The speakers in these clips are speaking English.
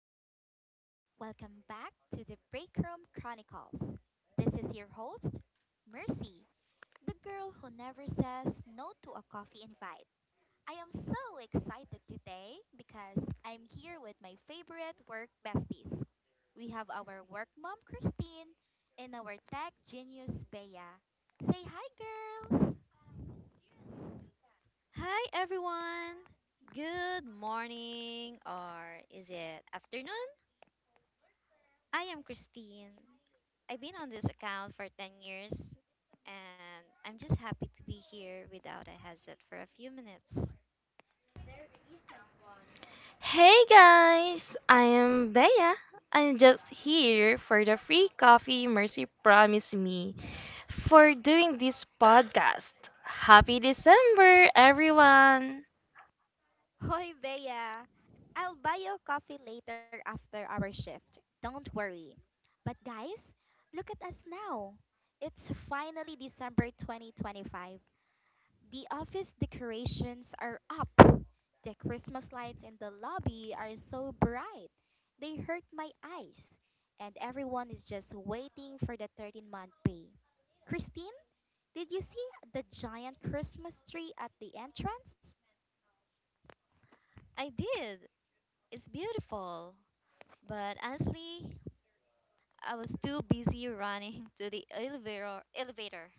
everyone. Welcome back to the Break Room Chronicles. This is your host, Mercy, the girl who never says no to a coffee invite. I am so excited today because I'm here with my favorite work besties. We have our work mom, Christine, and our tech genius, Bea. Say hi, girls! Hi, everyone! Good morning, or is it afternoon? I am Christine. I've been on this account for 10 years, and I'm just happy to be here without a headset for a few minutes. Hey guys, I am Bea. I'm just here for the free coffee Mercy promised me for doing this podcast. Happy December, everyone! Hoy, Bea. I'll buy you coffee later after our shift. Don't worry. But guys, look at us now. It's finally December 2025. The office decorations are up. The Christmas lights in the lobby are so bright. They hurt my eyes. And everyone is just waiting for the 13-month pay. Christine, did you see the giant Christmas tree at the entrance? I did! It's beautiful! But honestly, I was too busy running to the elevator.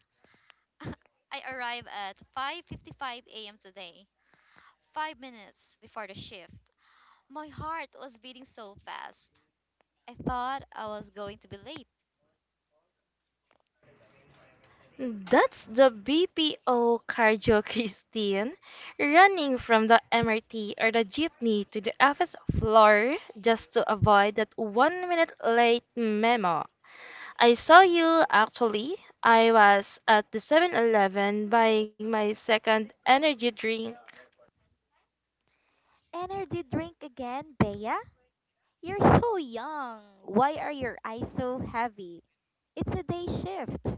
I arrived at 5:55 a.m. today, 5 minutes before the shift. My heart was beating so fast. I thought I was going to be late. That's the BPO cardio Christine running from the MRT or the jeepney to the office floor just to avoid that 1 minute late memo. I saw you actually. I was at the 7-Eleven buying my second energy drink. Energy drink again, Bea? You're so young. Why are your eyes so heavy? It's a day shift.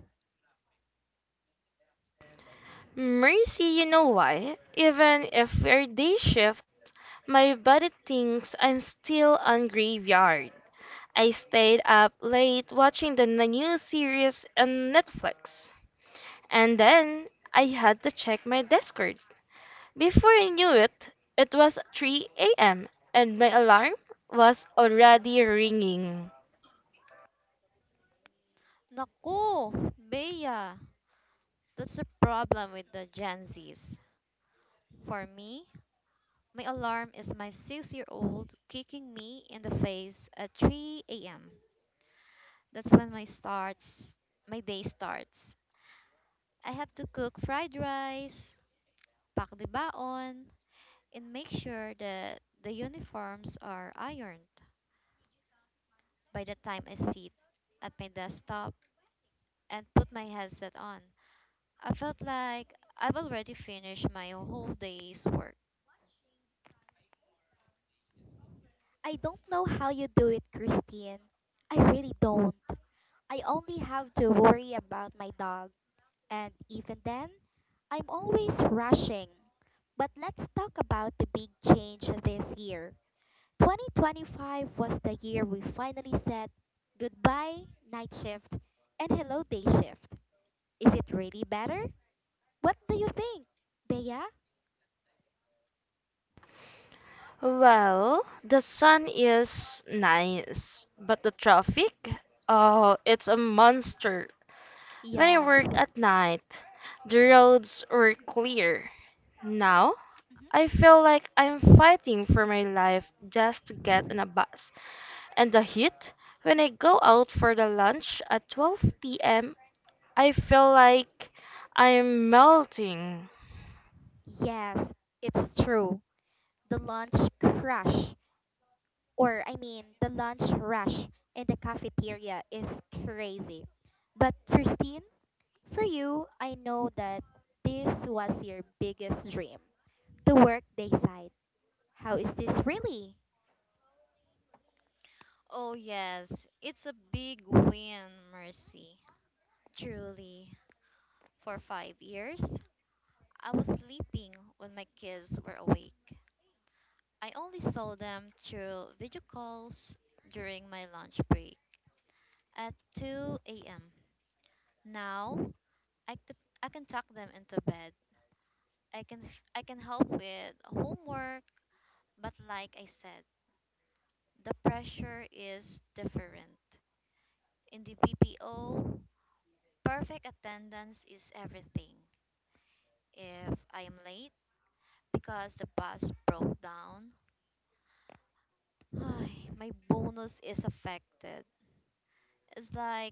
Mercy, you know why? Even if we're day shift, my body thinks I'm still on graveyard. I stayed up late watching the new series on Netflix. And then I had to check my Discord. Before I knew it, it was 3 a.m. and my alarm was already ringing. Naku, Bea, that's the problem with the Gen Zs. For me, my alarm is my 6-year-old kicking me in the face at 3 a.m. That's when my starts, My day starts. I have to cook fried rice, pack the baon, and make sure that the uniforms are ironed by the time I sit at my desktop and put my headset on. I felt like I've already finished my whole day's work. I don't know how you do it, Christine. I really don't. I only have to worry about my dog. And even then, I'm always rushing. But let's talk about the big change this year. 2025 was the year we finally said goodbye, night shift, and hello, day shift. Is it really better? What do you think? Bea? Well, the sun is nice, but the traffic? Oh, it's a monster. When I worked Yes, at night, the roads were clear. Now, I hmm, feel like I'm fighting for my life just to get on a bus. And the heat? When I go out for the lunch at 12 p.m., I feel like I'm melting. yes, it's true. The lunch crush, or I mean, the lunch rush in the cafeteria is crazy. But, Christine, for you, I know that this was your biggest dream the workday side. How is this really? Oh, yes, it's a big win, Mercy. Truly, for 5 years, I was sleeping when my kids were awake. I only saw them through video calls during my lunch break at 2 a.m. Now, I, could, I can tuck them into bed. I can help with homework, but like I said, the pressure is different. In the BPO, perfect attendance is everything. If I am late because the bus broke down, my bonus is affected. It's like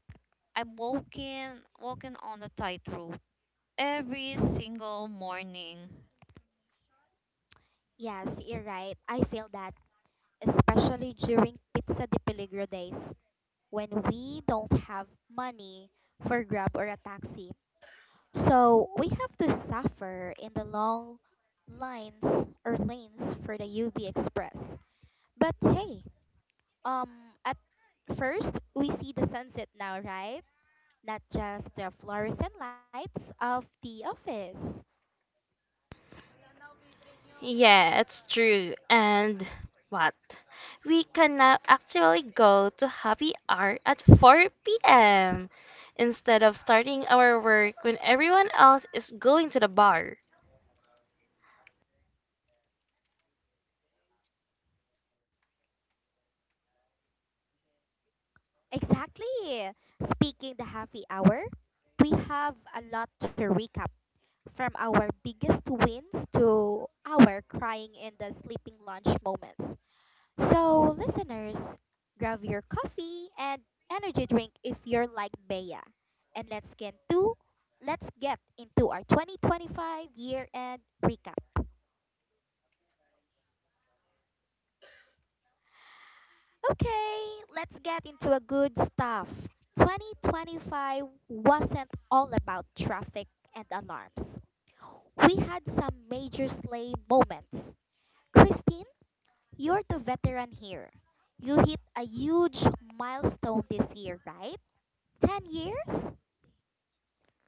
I'm walking on a tightrope every single morning. Yes, you're right. I feel that, especially during Pizza de Peligro days, when we don't have money for Grab or a taxi. So we have to suffer in the long lines or lanes for the UB Express. But hey, um at first we see the sunset now, right? Not just the fluorescent lights of the office. Yeah, it's true. And what? We can now actually go to happy hour at 4 p.m. instead of starting our work when everyone else is going to the bar. Exactly. Speaking the happy hour, we have a lot to recap from our biggest wins to our crying in the sleeping lunch moments. So, listeners, grab your coffee and energy drink if you're like Bea, and let's get into our 2025 year end recap. Okay, let's get into a good stuff. 2025 wasn't all about traffic and alarms. We had some major sleigh moments. Christine, you're the veteran here. You hit a huge milestone this year, right? 10 years?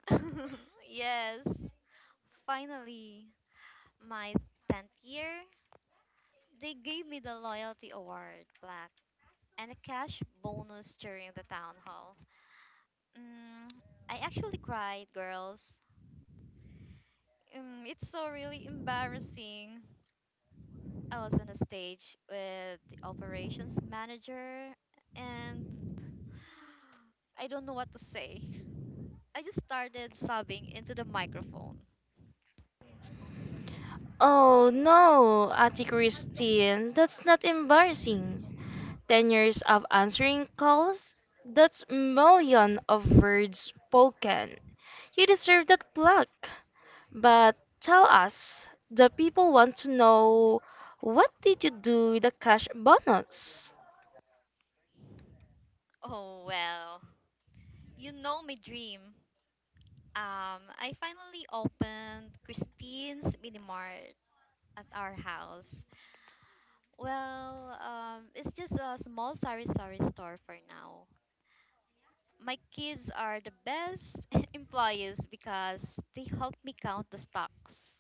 Yes, finally, my 10th year, they gave me the loyalty award plaque and a cash bonus during the town hall. Mm, I actually cried, girls. It's so really embarrassing. I was on a stage with the operations manager, and I don't know what to say. I just started sobbing into the microphone. Oh no, Ati Christine, that's not embarrassing. 10 years of answering calls? That's million of words spoken. You deserve that plaque. But tell us, the people want to know what did you do with the cash bonus? Oh, well, you know my dream. I finally opened Christine's Mini Mart at our house. Well, it's just a small sari sari store for now. My kids are the best employees because they help me count the stocks.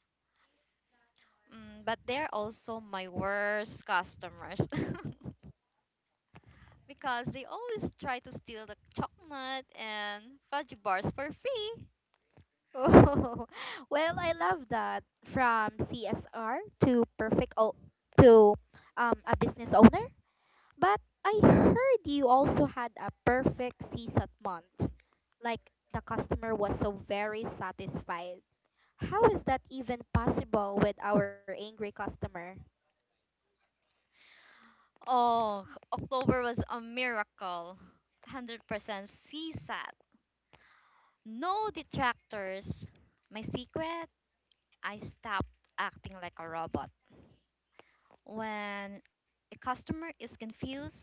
But they're also my worst customers because they always try to steal the chocolate and fudge bars for free. Oh, well, I love that. From CSR to perfect o- to um, A business owner. But I heard you also had a perfect CSAT month. Like the customer was so very satisfied. How is that even possible with our angry customer? Oh, October was a miracle. 100% CSAT. No detractors. My secret? I stopped acting like a robot. When a customer is confused,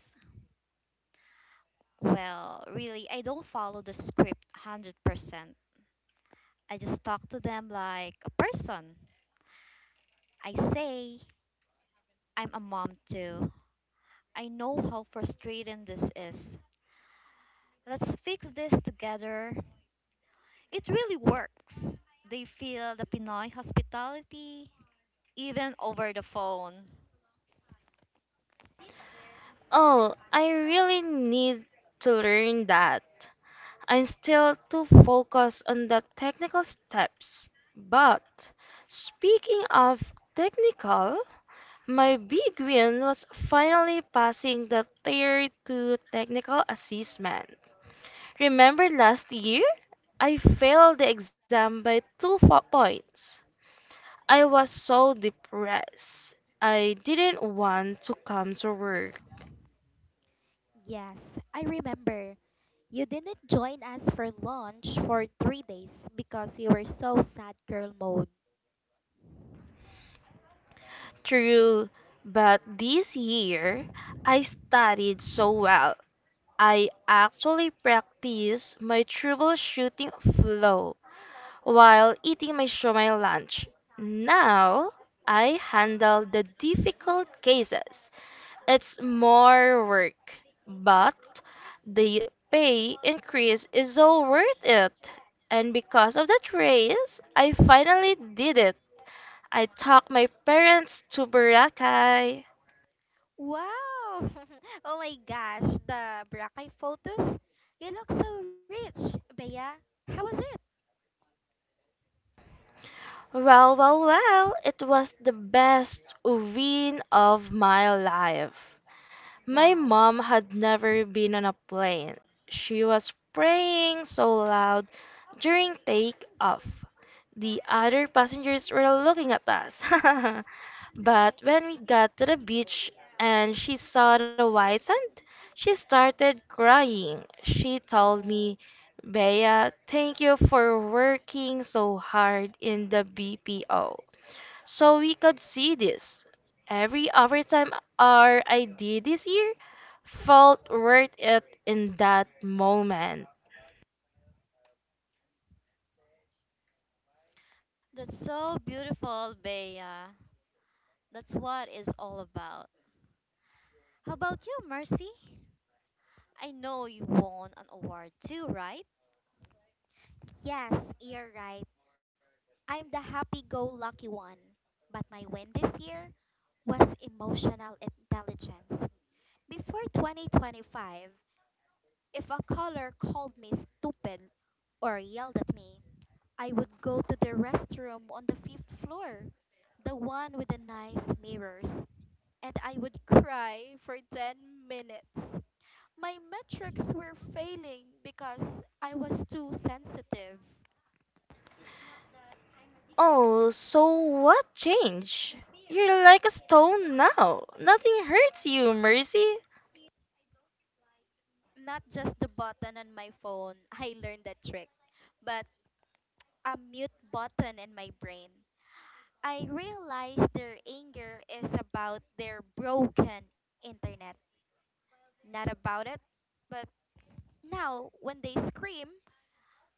well, really, I don't follow the script 100%. I just talk to them like a person. I say, "I'm a mom too. I know how frustrating this is. Let's fix this together." It really works. They feel the Pinoy hospitality even over the phone. Oh, I really need to learn that. I'm still too focused on the technical steps. But speaking of technical, my big win was finally passing the Tier 2 technical assessment. Remember last year? I failed the exam by points. I was so depressed. I didn't want to come to work. Yes, I remember. You didn't join us for lunch for 3 days because you were so sad girl mode. True, but this year I studied so well. I actually practiced my troubleshooting flow while eating my shumai lunch. Now I handle the difficult cases. It's more work, but the pay increase is all worth it. And because of that raise, I finally did it. I talked my parents to Boracay. Wow! Oh my gosh, the Boracay photos. You look so rich, Bea. How was it? Well, it was the best win of my life. My Wow. mom had never been on a plane. She was praying so loud during takeoff. The other passengers were looking at us. But when we got to the beach and she saw the white sand, she started crying. She told me, Oh. Bea, thank you for working so hard in the BPO. So we could see this. Every overtime hour I did this year felt worth it in that moment. That's so beautiful, Bea. That's what it's all about. How about you, Mercy? I know you won an award too, right? Yes, you're right. I'm the happy-go-lucky one. But my win this year was emotional intelligence. Before 2025, if a caller called me stupid or yelled at me, I would go to the restroom on the fifth floor, the one with the nice mirrors, and I would cry for 10 minutes. My metrics were failing because I was too sensitive. Oh, so what changed? You're like a stone now. Nothing hurts you, Mercy. Not just the button on my phone, I learned that trick, but a mute button in my brain. I realized their anger is about their broken internet, not about it. But now, when they scream,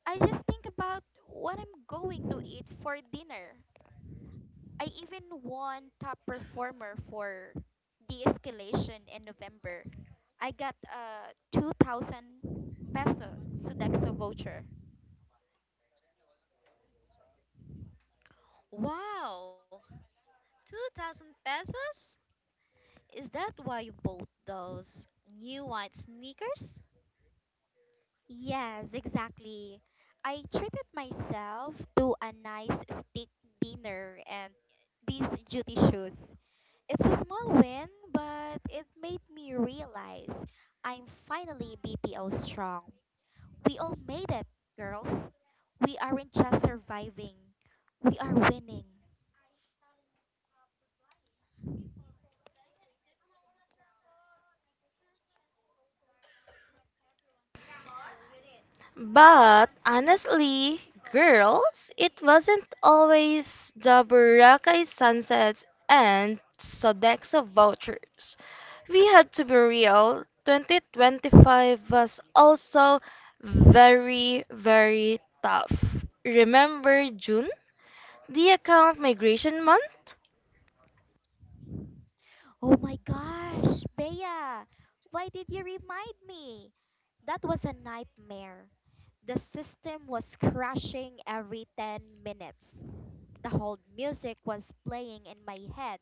I just think about what I'm going to eat for dinner. I even won top performer for de-escalation in November. I got a 2,000 peso Sodexo voucher. Wow, 2,000 pesos? Is that why you bought those new white sneakers? Yes, exactly. I treated myself to a nice steak dinner and these duty shoes. It's a small win, but it made me realize I'm finally BPO strong. We all made it, girls. We aren't just surviving, we are winning. But honestly, girls, it wasn't always the Boracay sunsets and Sodexo vouchers. We had to be real. 2025 was also very, very tough. Remember June? The account migration month? Oh my gosh, Bea, why did you remind me? That was a nightmare. The system was crashing every 10 minutes. The whole music was playing in my head,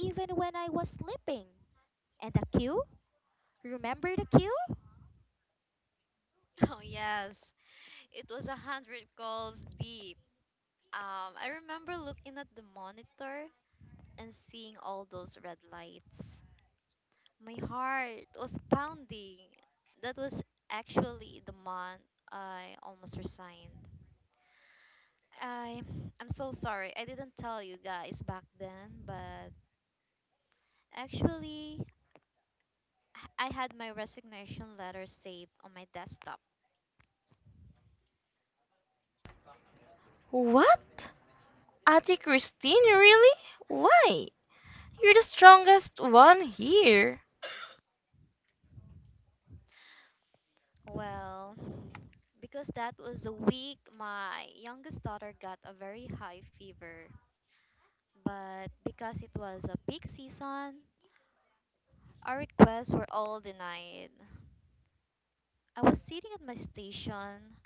even when I was sleeping. And the queue. Remember the queue? Oh, yes. It was 100 calls deep. I remember looking at the monitor and seeing all those red lights. My heart was pounding. That was actually the month I almost resigned. I I'm so sorry. I didn't tell you guys back then, but actually I had my resignation letter saved on my desktop. What? Ate Christine, really? Why? You're the strongest one here. Well, because that was the week my youngest daughter got a very high fever. But because it was a peak season, our requests were all denied. I was sitting at my station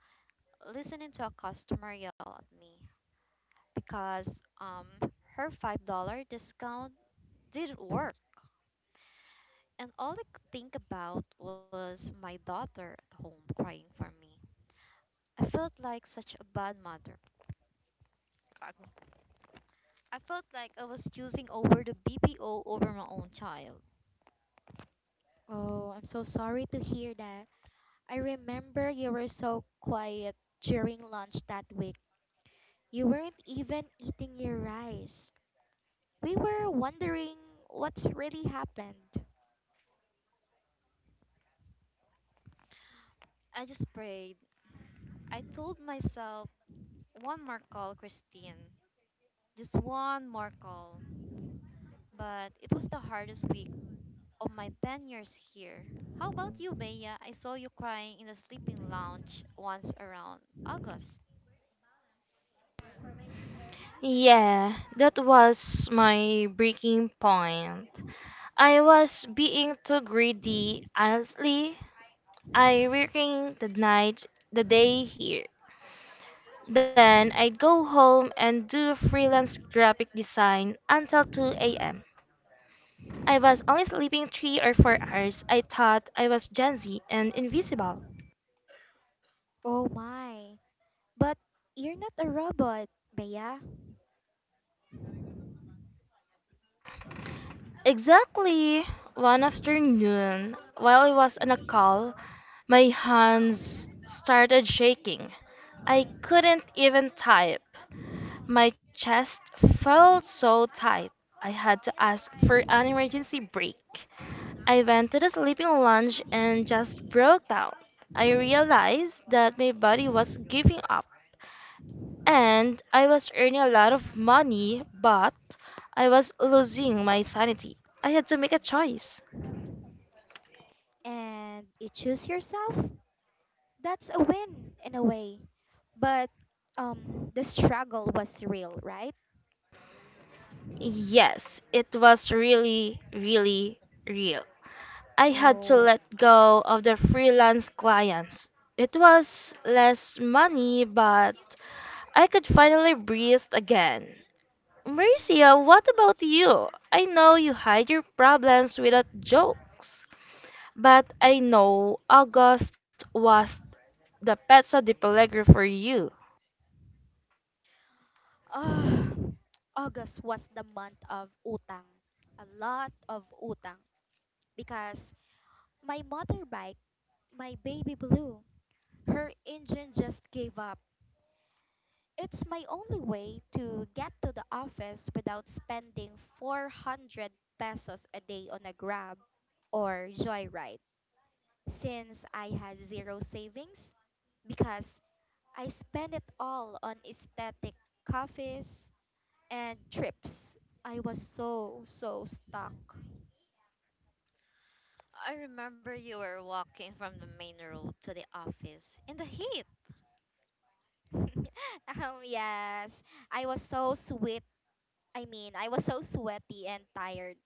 listening to a customer yell at me because um her $5 discount didn't work. And all I could think about was my daughter at home crying for me. I felt like such a bad mother. I felt like I was choosing over the BPO over my own child. Oh, I'm so sorry to hear that. I remember you were so quiet during lunch that week. You weren't even eating your rice. We were wondering what's really happened. I just prayed. I told myself, one more call, Christine. Just one more call. But it was the hardest week of my 10 years here. How about you, Bea? I saw you crying in the sleeping lounge once around August. Yeah, that was my breaking point. I was being too greedy. Honestly, I working the night, the day here. Then I'd go home and do freelance graphic design until 2 a.m. I was only sleeping 3 or 4 hours. I thought I was Gen Z and invisible. Oh my. But you're not a robot, Bea. Exactly one afternoon, while I was on a call, my hands started shaking. I couldn't even type. My chest felt so tight. I had to ask for an emergency break. I went to the sleeping lounge and just broke down. I realized that my body was giving up. And I was earning a lot of money, but I was losing my sanity. I had to make a choice. And you choose yourself? That's a win in a way. But the struggle was real, right? Yes, it was really, really real. I had to Oh. let go of the freelance clients. It was less money, but I could finally breathe again. Marcia, what about you? I know you hide your problems without jokes, but I know August was the pezzo di Pellegro for you. Ah, August was the month of utang. A lot of utang. Because my motorbike, my baby blue, her engine just gave up. It's my only way to get to the office without spending 400 pesos a day on a Grab or Joyride since I had zero savings because I spent it all on aesthetic coffees and trips. I was so, so stuck. I remember you were walking from the main road to the office in the heat. um, yes, I was so sweet. I mean, I was so sweaty and tired.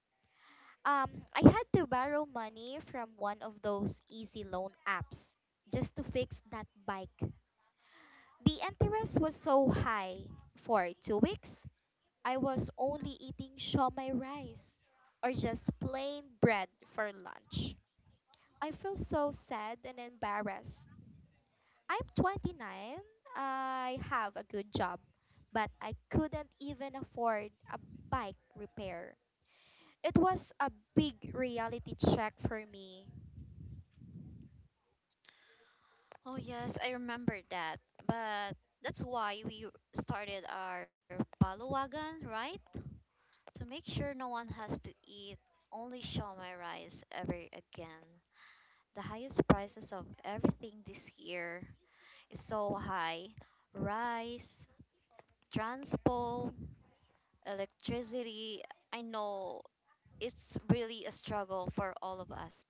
I had to borrow money from one of those easy loan apps just to fix that bike. The interest was so high. For 2 weeks, I was only eating shawmai rice or just plain bread for lunch. I feel so sad and embarrassed. I'm 29. I have a good job, but I couldn't even afford a bike repair. It was a big reality check for me. Oh, yes, I remember that. But that's why we started our baluwagan, right? To make sure no one has to eat only shawmai rice ever again. The highest prices of everything this year is so high. Rice, transport, electricity. I know it's really a struggle for all of us.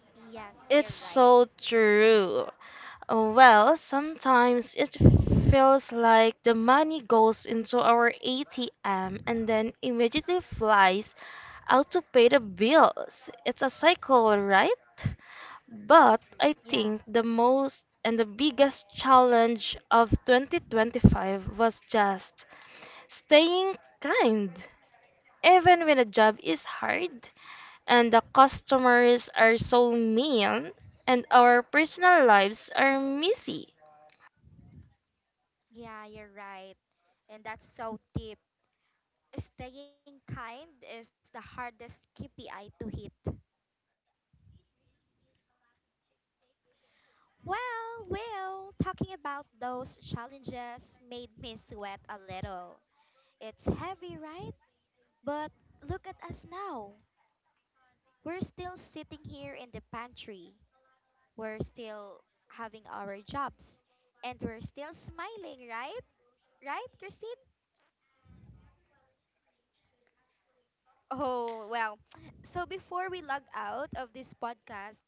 Yes, you're It's right. so true. Well, sometimes it feels like the money goes into our ATM and then immediately flies out to pay the bills. It's a cycle, right? But I Yeah, think the most and the biggest challenge of 2025 was just staying kind. Even when a job is hard and the customers are so mean and our personal lives are messy. yeah, you're right. And that's so deep. Staying kind is the hardest KPI to hit. Well, well, talking about those challenges made me sweat a little. It's heavy, right? But look at us now. We're still sitting here in the pantry. We're still having our jobs. And we're still smiling, right? Right, Christine? Oh, well. So before we log out of this podcast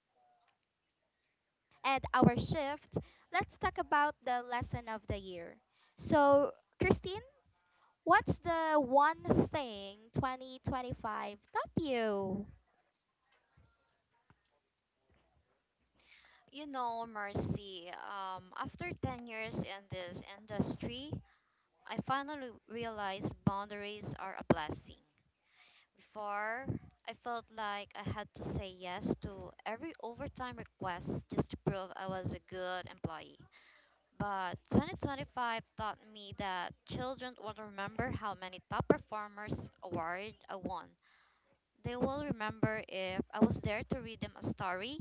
and our shift, let's talk about the lesson of the year. So, Christine, what's the one thing 2025 taught you? You know, Mercy, after 10 years in this industry, I finally realized boundaries are a blessing. Before, I felt like I had to say yes to every overtime request just to prove I was a good employee. But 2025 taught me that children won't remember how many top performers award I won. They will remember if I was there to read them a story.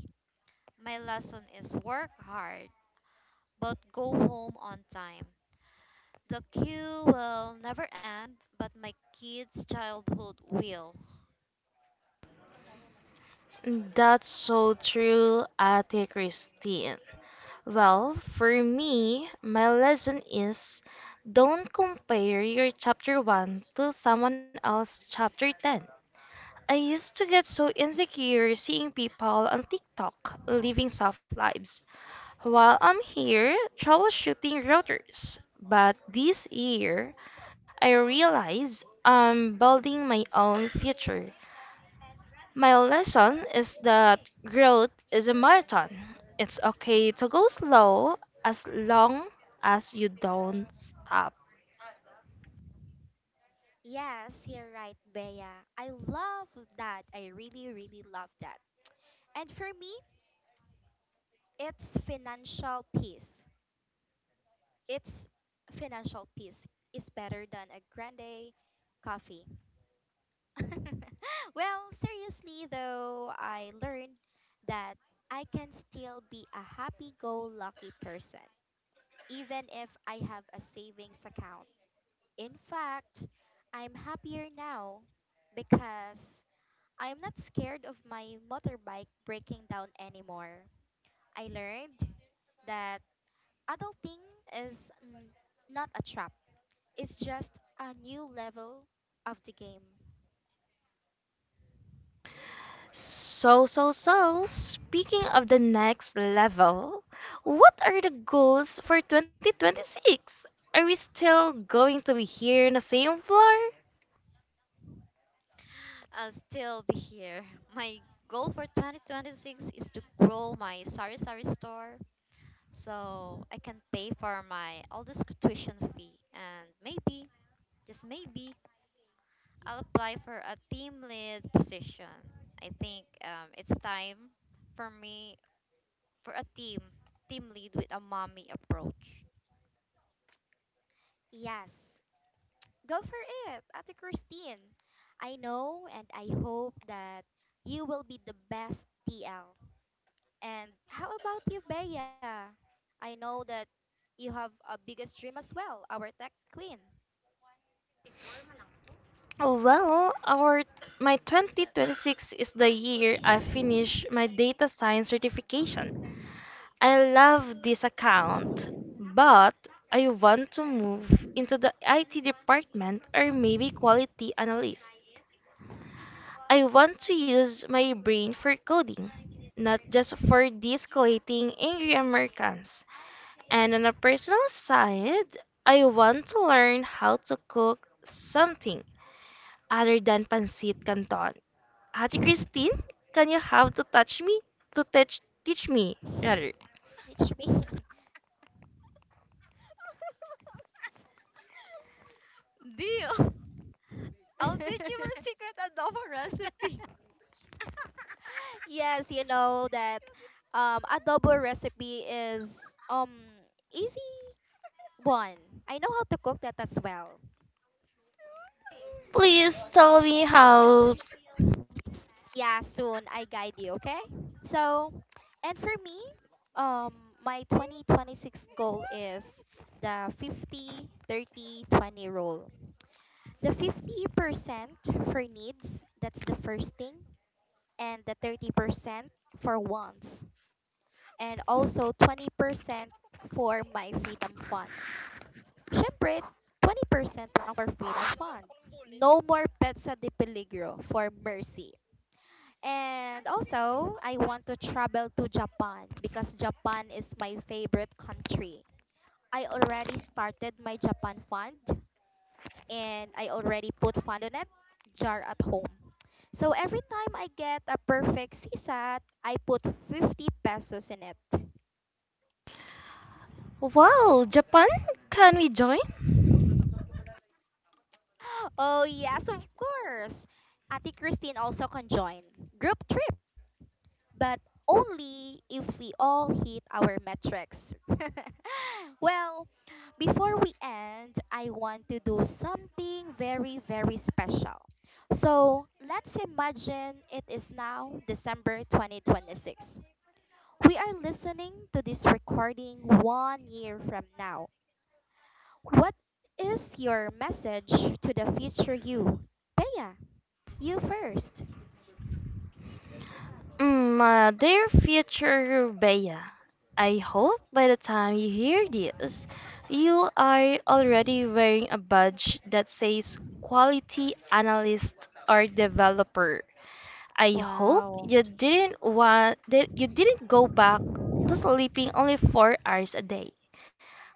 My lesson is work hard, but go home on time. The queue will never end, but my kids' childhood will. That's so true, Ate Christine. Well, for me, my lesson is don't compare your chapter 1 to someone else's chapter 10. I used to get so insecure seeing people on TikTok living soft lives while I'm here troubleshooting routers. But this year, I realize I'm building my own future. My lesson is that growth is a marathon. It's okay to go slow as long as you don't stop. Yes, you're right, Bea. I love that. I really, really love that. And for me, it's financial peace. It's financial peace is better than a grande coffee. well, seriously though, I learned that I can still be a happy go lucky person, even if I have a savings account. In fact, I'm happier now because I'm not scared of my motorbike breaking down anymore. I learned that adulting is not a trap, it's just a new level of the game. So, speaking of the next level, what are the goals for 2026? Are we still going to be here in the same floor? I'll still be here. My goal for 2026 is to grow my sari sari store so I can pay for my oldest tuition fee and maybe, just maybe, I'll apply for a team lead position. I think it's time for me for a team lead with a mommy approach. Yes, go for it, Ate Christine. I know and I hope that you will be the best TL. And how about you, Bea? I know that you have a biggest dream as well, our tech queen. Well, our my 2026 is the year I finish my data science certification. I love this account, but I want to move into the IT department or maybe quality analyst. I want to use my brain for coding, not just for de-escalating angry Americans. And on a personal side, I want to learn how to cook something other than pancit canton. Ate Christine, can you have to touch me? To teach me, rather. Teach me. Deal. I'll teach you my secret adobo recipe. yes, you know that adobo recipe is um easy one. I know how to cook that as well. Please tell me how. Yeah, soon I guide you, okay? So, and for me, um my 2026 goal is the 50 30 20 rule. The 50% for needs, that's the first thing, and the 30% for wants, and also 20% for my freedom fund. Syempre, 20% lang for freedom fund. No more pets sa de peligro for mercy. And also, I want to travel to Japan because Japan is my favorite country. I already started my Japan fund and I already put fund on it, jar at home. So every time I get a perfect CSAT, I put 50 pesos in it. Wow, Japan, can we join? Oh, yes, of course. Ate Christine also can join. Group trip. But only if we all hit our metrics. well, before we end, I want to do something very, very special. So let's imagine it is now December 2026. We are listening to this recording 1 year from now. What is your message to the future you? Bea, you first. Dear future Bea, I hope by the time you hear this, you are already wearing a badge that says quality analyst or developer. I hope Wow. you didn't want that you didn't go back to sleeping only 4 hours a day.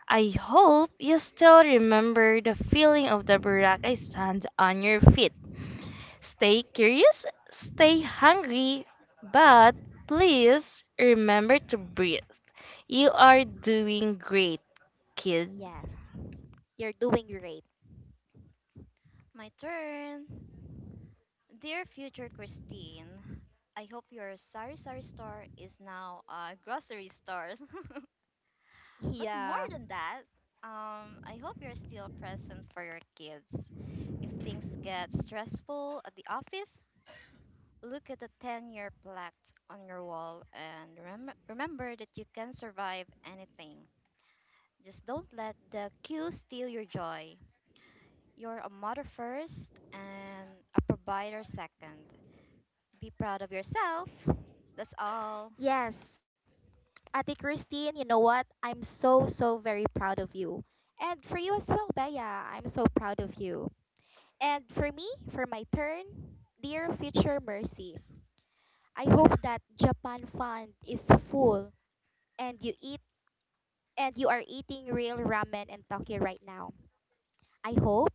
I hope you still remember the feeling of the Boracay sand on your feet. Stay curious, stay hungry, but please remember to breathe. You are doing great, kid. Yes, you're doing great. My turn. Dear future Christine, I hope your sari sari store is now a grocery store. But more Yeah. than that, I hope you're still present for your kids. If things get stressful at the office, look at the 10-year plaque on your wall and remember that you can survive anything. Just don't let the cue steal your joy. You're a mother first and a provider second. Be proud of yourself. That's all. Yes, Ate Christine, you know what? I'm so, so very proud of you. And for you as well, Bea, I'm so proud of you. And for me, for my turn, dear future Mercy, I hope that Japan Fund is full and you are eating real ramen in Tokyo right now. I hope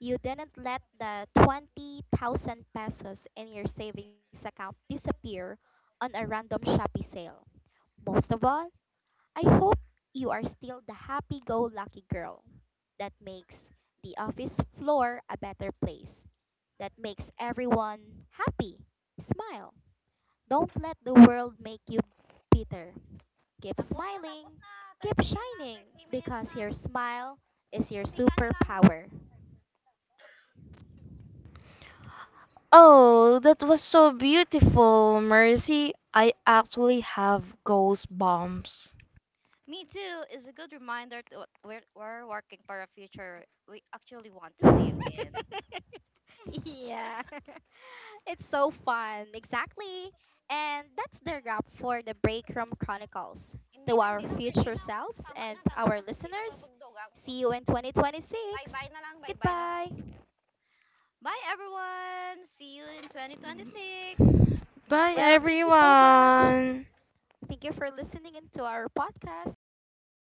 you didn't let the 20,000 pesos in your savings account disappear on a random Shopee sale. Most of all, I hope you are still the happy go lucky girl that makes the office floor a better place, that makes everyone happy. Smile. Don't let the world make you bitter. Keep smiling, keep shining, because your smile is your superpower. Oh, that was so beautiful, Mercy. I actually have goosebumps. Me too is a good reminder that we're working for a future we actually want to live in. yeah. It's so fun, exactly. And that's the wrap for the Break Room Chronicles. Hindi To na, our hindi na. 30 future na. Oh. selves Tama and na, tama our na. Hindi na listeners, papagdugang to. see you in 2026. Bye-bye na lang, bye-bye na lang. Goodbye. Kami. Bye, everyone. See you in 2026. Bye, Well, thank you so much. everyone. Thank you for listening into our podcast. Goodbye.